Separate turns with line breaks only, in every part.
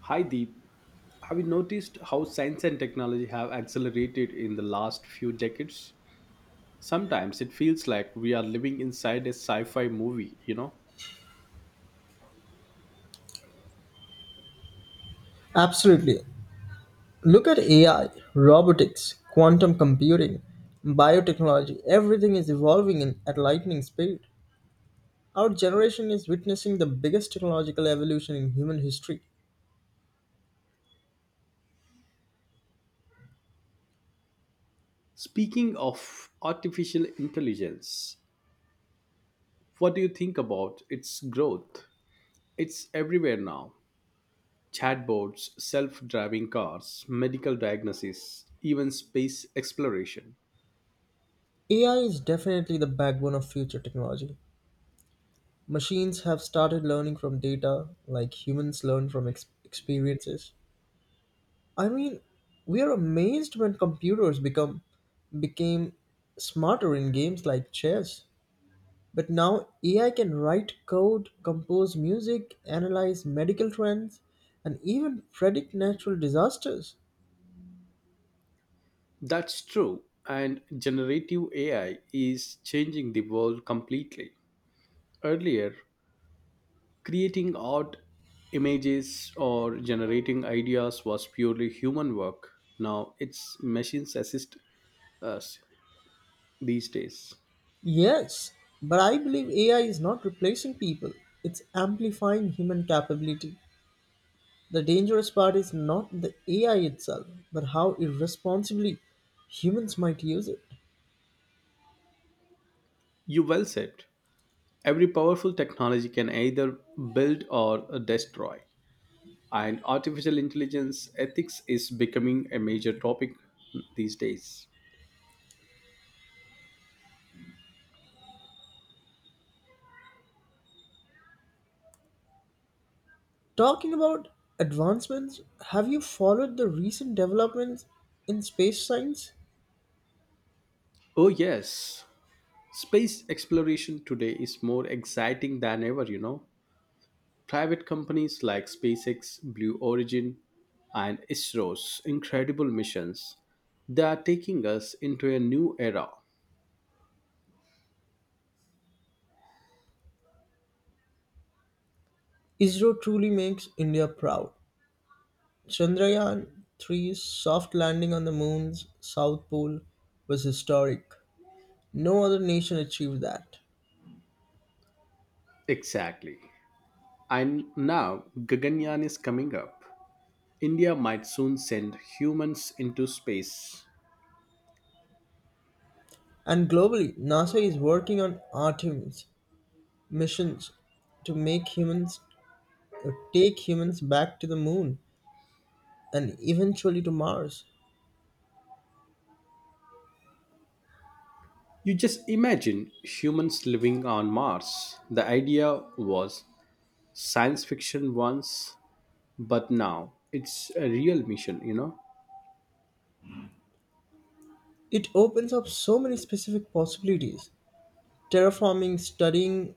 Hi Deep, have you noticed how science and technology have accelerated in the last few decades? Sometimes it feels like we are living inside a sci fi movie, you know?
Absolutely. Look at AI, robotics, quantum computing, biotechnology. Everything is evolving at lightning speed. Our generation is witnessing the biggest technological evolution in human history.
Speaking of artificial intelligence, what do you think about its growth? It's everywhere now, chatbots, self driving cars, medical diagnosis, even space exploration.
AI is definitely the backbone of future technology. Machines have started learning from data like humans learn from experiences. I mean, we are amazed when computers become became smarter in games like chess. But now AI can write code, compose music, analyze medical trends, and even predict natural disasters.
That's true, and generative AI is changing the world completely. Earlier, creating art, images, or generating ideas was purely human work. Now it's machines assist us these days.
Yes, but I believe AI is not replacing people, it's amplifying human capability. The dangerous part is not the AI itself, but how irresponsibly humans might use it.
You well said. Every powerful technology can either build or destroy. And artificial intelligence ethics is becoming a major topic these days.
Talking about advancements, have you followed the recent developments in space science?
Oh, yes. Space exploration today is more exciting than ever, you know. Private companies like SpaceX, Blue Origin, and ISRO's incredible missions, they are taking us into a new era.
ISRO truly makes India proud. Chandrayaan three's soft landing on the moon's south pole was historic. No other nation achieved that.
Exactly. And now Gaganyaan is coming up. India might soon send humans into space.
And globally, NASA is working on Artemis missions to make humans or take humans back to the moon and eventually to Mars.
You just imagine humans living on Mars. The idea was science fiction once, but now it's a real mission, you know?
It opens up so many specific possibilities. Terraforming, studying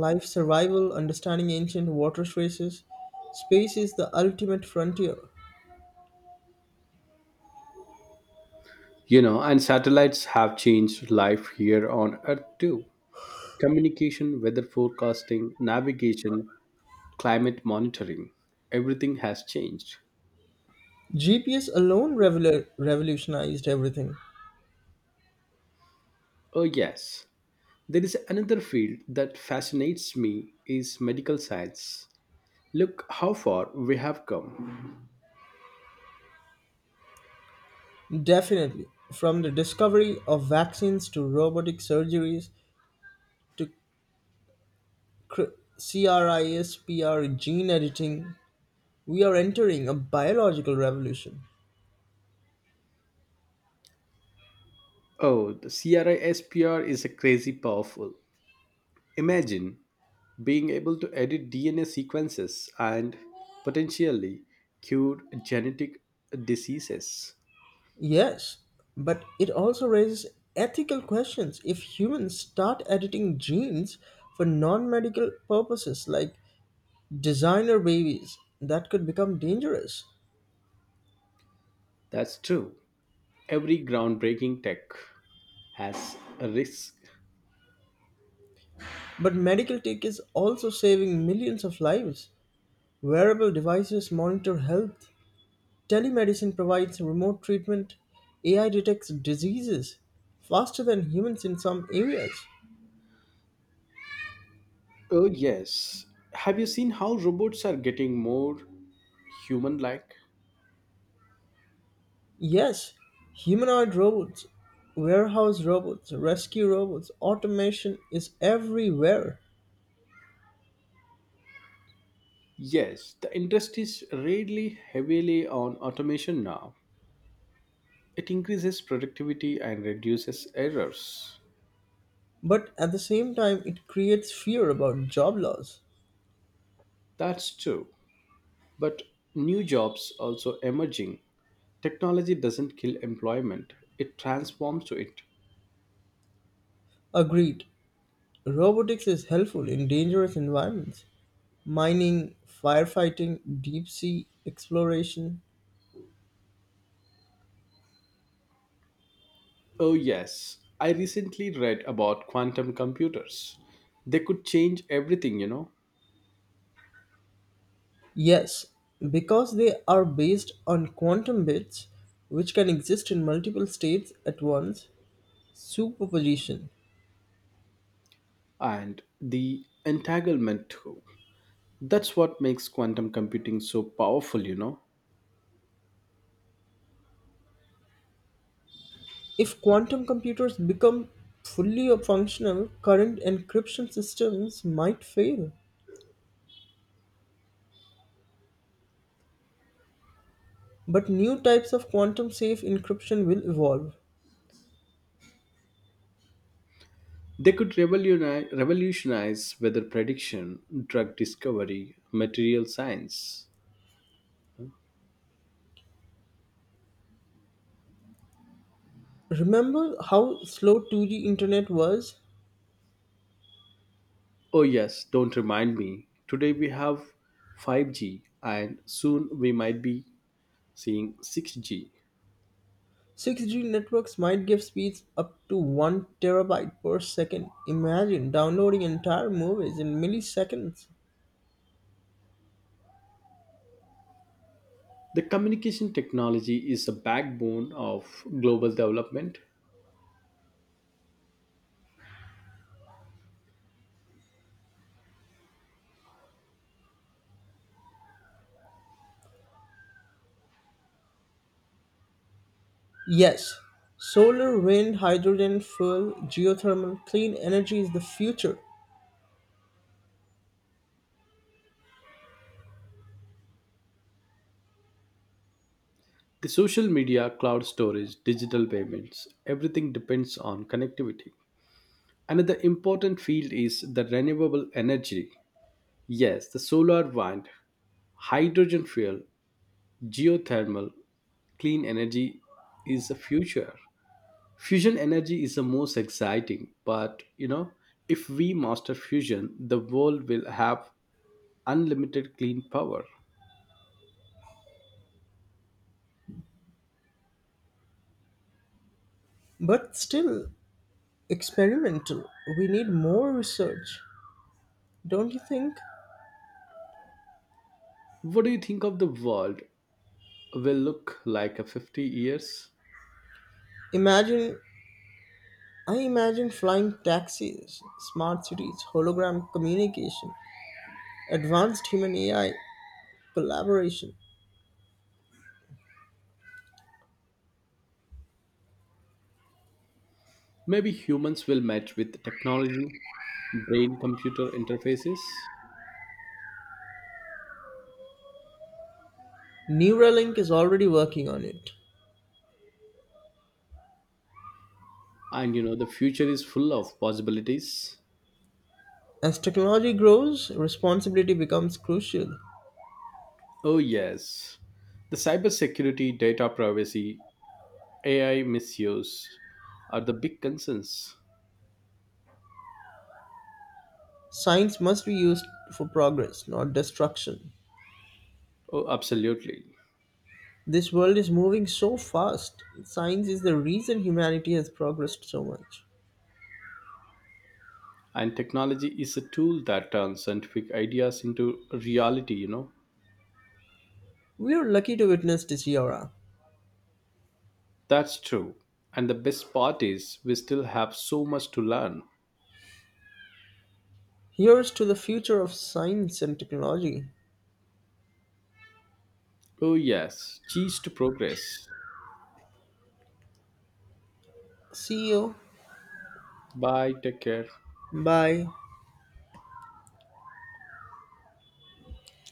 life survival, understanding ancient water traces. Space is the ultimate frontier.
You know, and satellites have changed life here on Earth too. Communication, weather forecasting, navigation, climate monitoring, everything has changed.
GPS alone revolutionized everything.
Oh yes. There is another field that fascinates me is medical science. Look how far we have come.
Definitely. From the discovery of vaccines to robotic surgeries to cr- CRISPR gene editing, we are entering a biological revolution.
Oh, the CRISPR is a crazy powerful. Imagine being able to edit DNA sequences and potentially cure genetic diseases.
Yes, but it also raises ethical questions. If humans start editing genes for non medical purposes like designer babies, that could become dangerous.
That's true. Every groundbreaking tech has a risk.
But medical tech is also saving millions of lives. Wearable devices monitor health, telemedicine provides remote treatment, AI detects diseases faster than humans in some areas.
Oh, yes. Have you seen how robots are getting more human like?
Yes, humanoid robots, warehouse robots, rescue robots, automation is everywhere.
Yes, the industry is really heavily on automation now. It increases productivity and reduces errors.
But at the same time, it creates fear about job loss.
That's true. But new jobs also emerging. Technology doesn't kill employment, it transforms to it.
Agreed, robotics is helpful in dangerous environments mining, firefighting, deep sea exploration.
Oh, yes. I recently read about quantum computers. They could change everything, you know,
Yes, because they are based on quantum bits which can exist in multiple states at once, superposition.
and the entanglement too. That's what makes quantum computing so powerful, you know.
If quantum computers become fully functional, current encryption systems might fail. But new types of quantum safe encryption will evolve.
They could revolutionize weather prediction, drug discovery, material science.
Remember how slow 2G internet was?
Oh, yes, don't remind me. Today we have 5G, and soon we might be seeing 6G.
6G networks might give speeds up to 1 terabyte per second. Imagine downloading entire movies in milliseconds.
The communication technology is the backbone of global development.
Yes, solar, wind, hydrogen, fuel, geothermal, clean energy is the future,
The social media, cloud storage, digital payments, everything depends on connectivity. Another important field is the renewable energy. Yes, the solar, wind, hydrogen fuel, geothermal, clean energy is the future. Fusion energy is the most exciting, but you know, if we master fusion, the world will have unlimited clean power.
but still experimental. We need more research, don't you think?
What do you think of the world will look like in 50 years?
Imagine I imagine flying taxis, smart cities, hologram communication, advanced human AI collaboration.
Maybe humans will match with technology, brain computer interfaces,
Neuralink is already working on it.
and you know the future is full of possibilities.
As technology grows, responsibility becomes crucial.
Oh yes. The cybersecurity, data privacy, AI misuse are the big concerns.
Science must be used for progress, not destruction.
Oh, absolutely.
This world is moving so fast. Science is the reason humanity has progressed so much.
And technology is a tool that turns scientific ideas into reality, you know.
We are lucky to witness this era.
That's true. And the best part is we still have so much to learn.
Here's to the future of science and technology.
Oh, yes. Cheers to progress.
See you.
Bye. Take care.
Bye.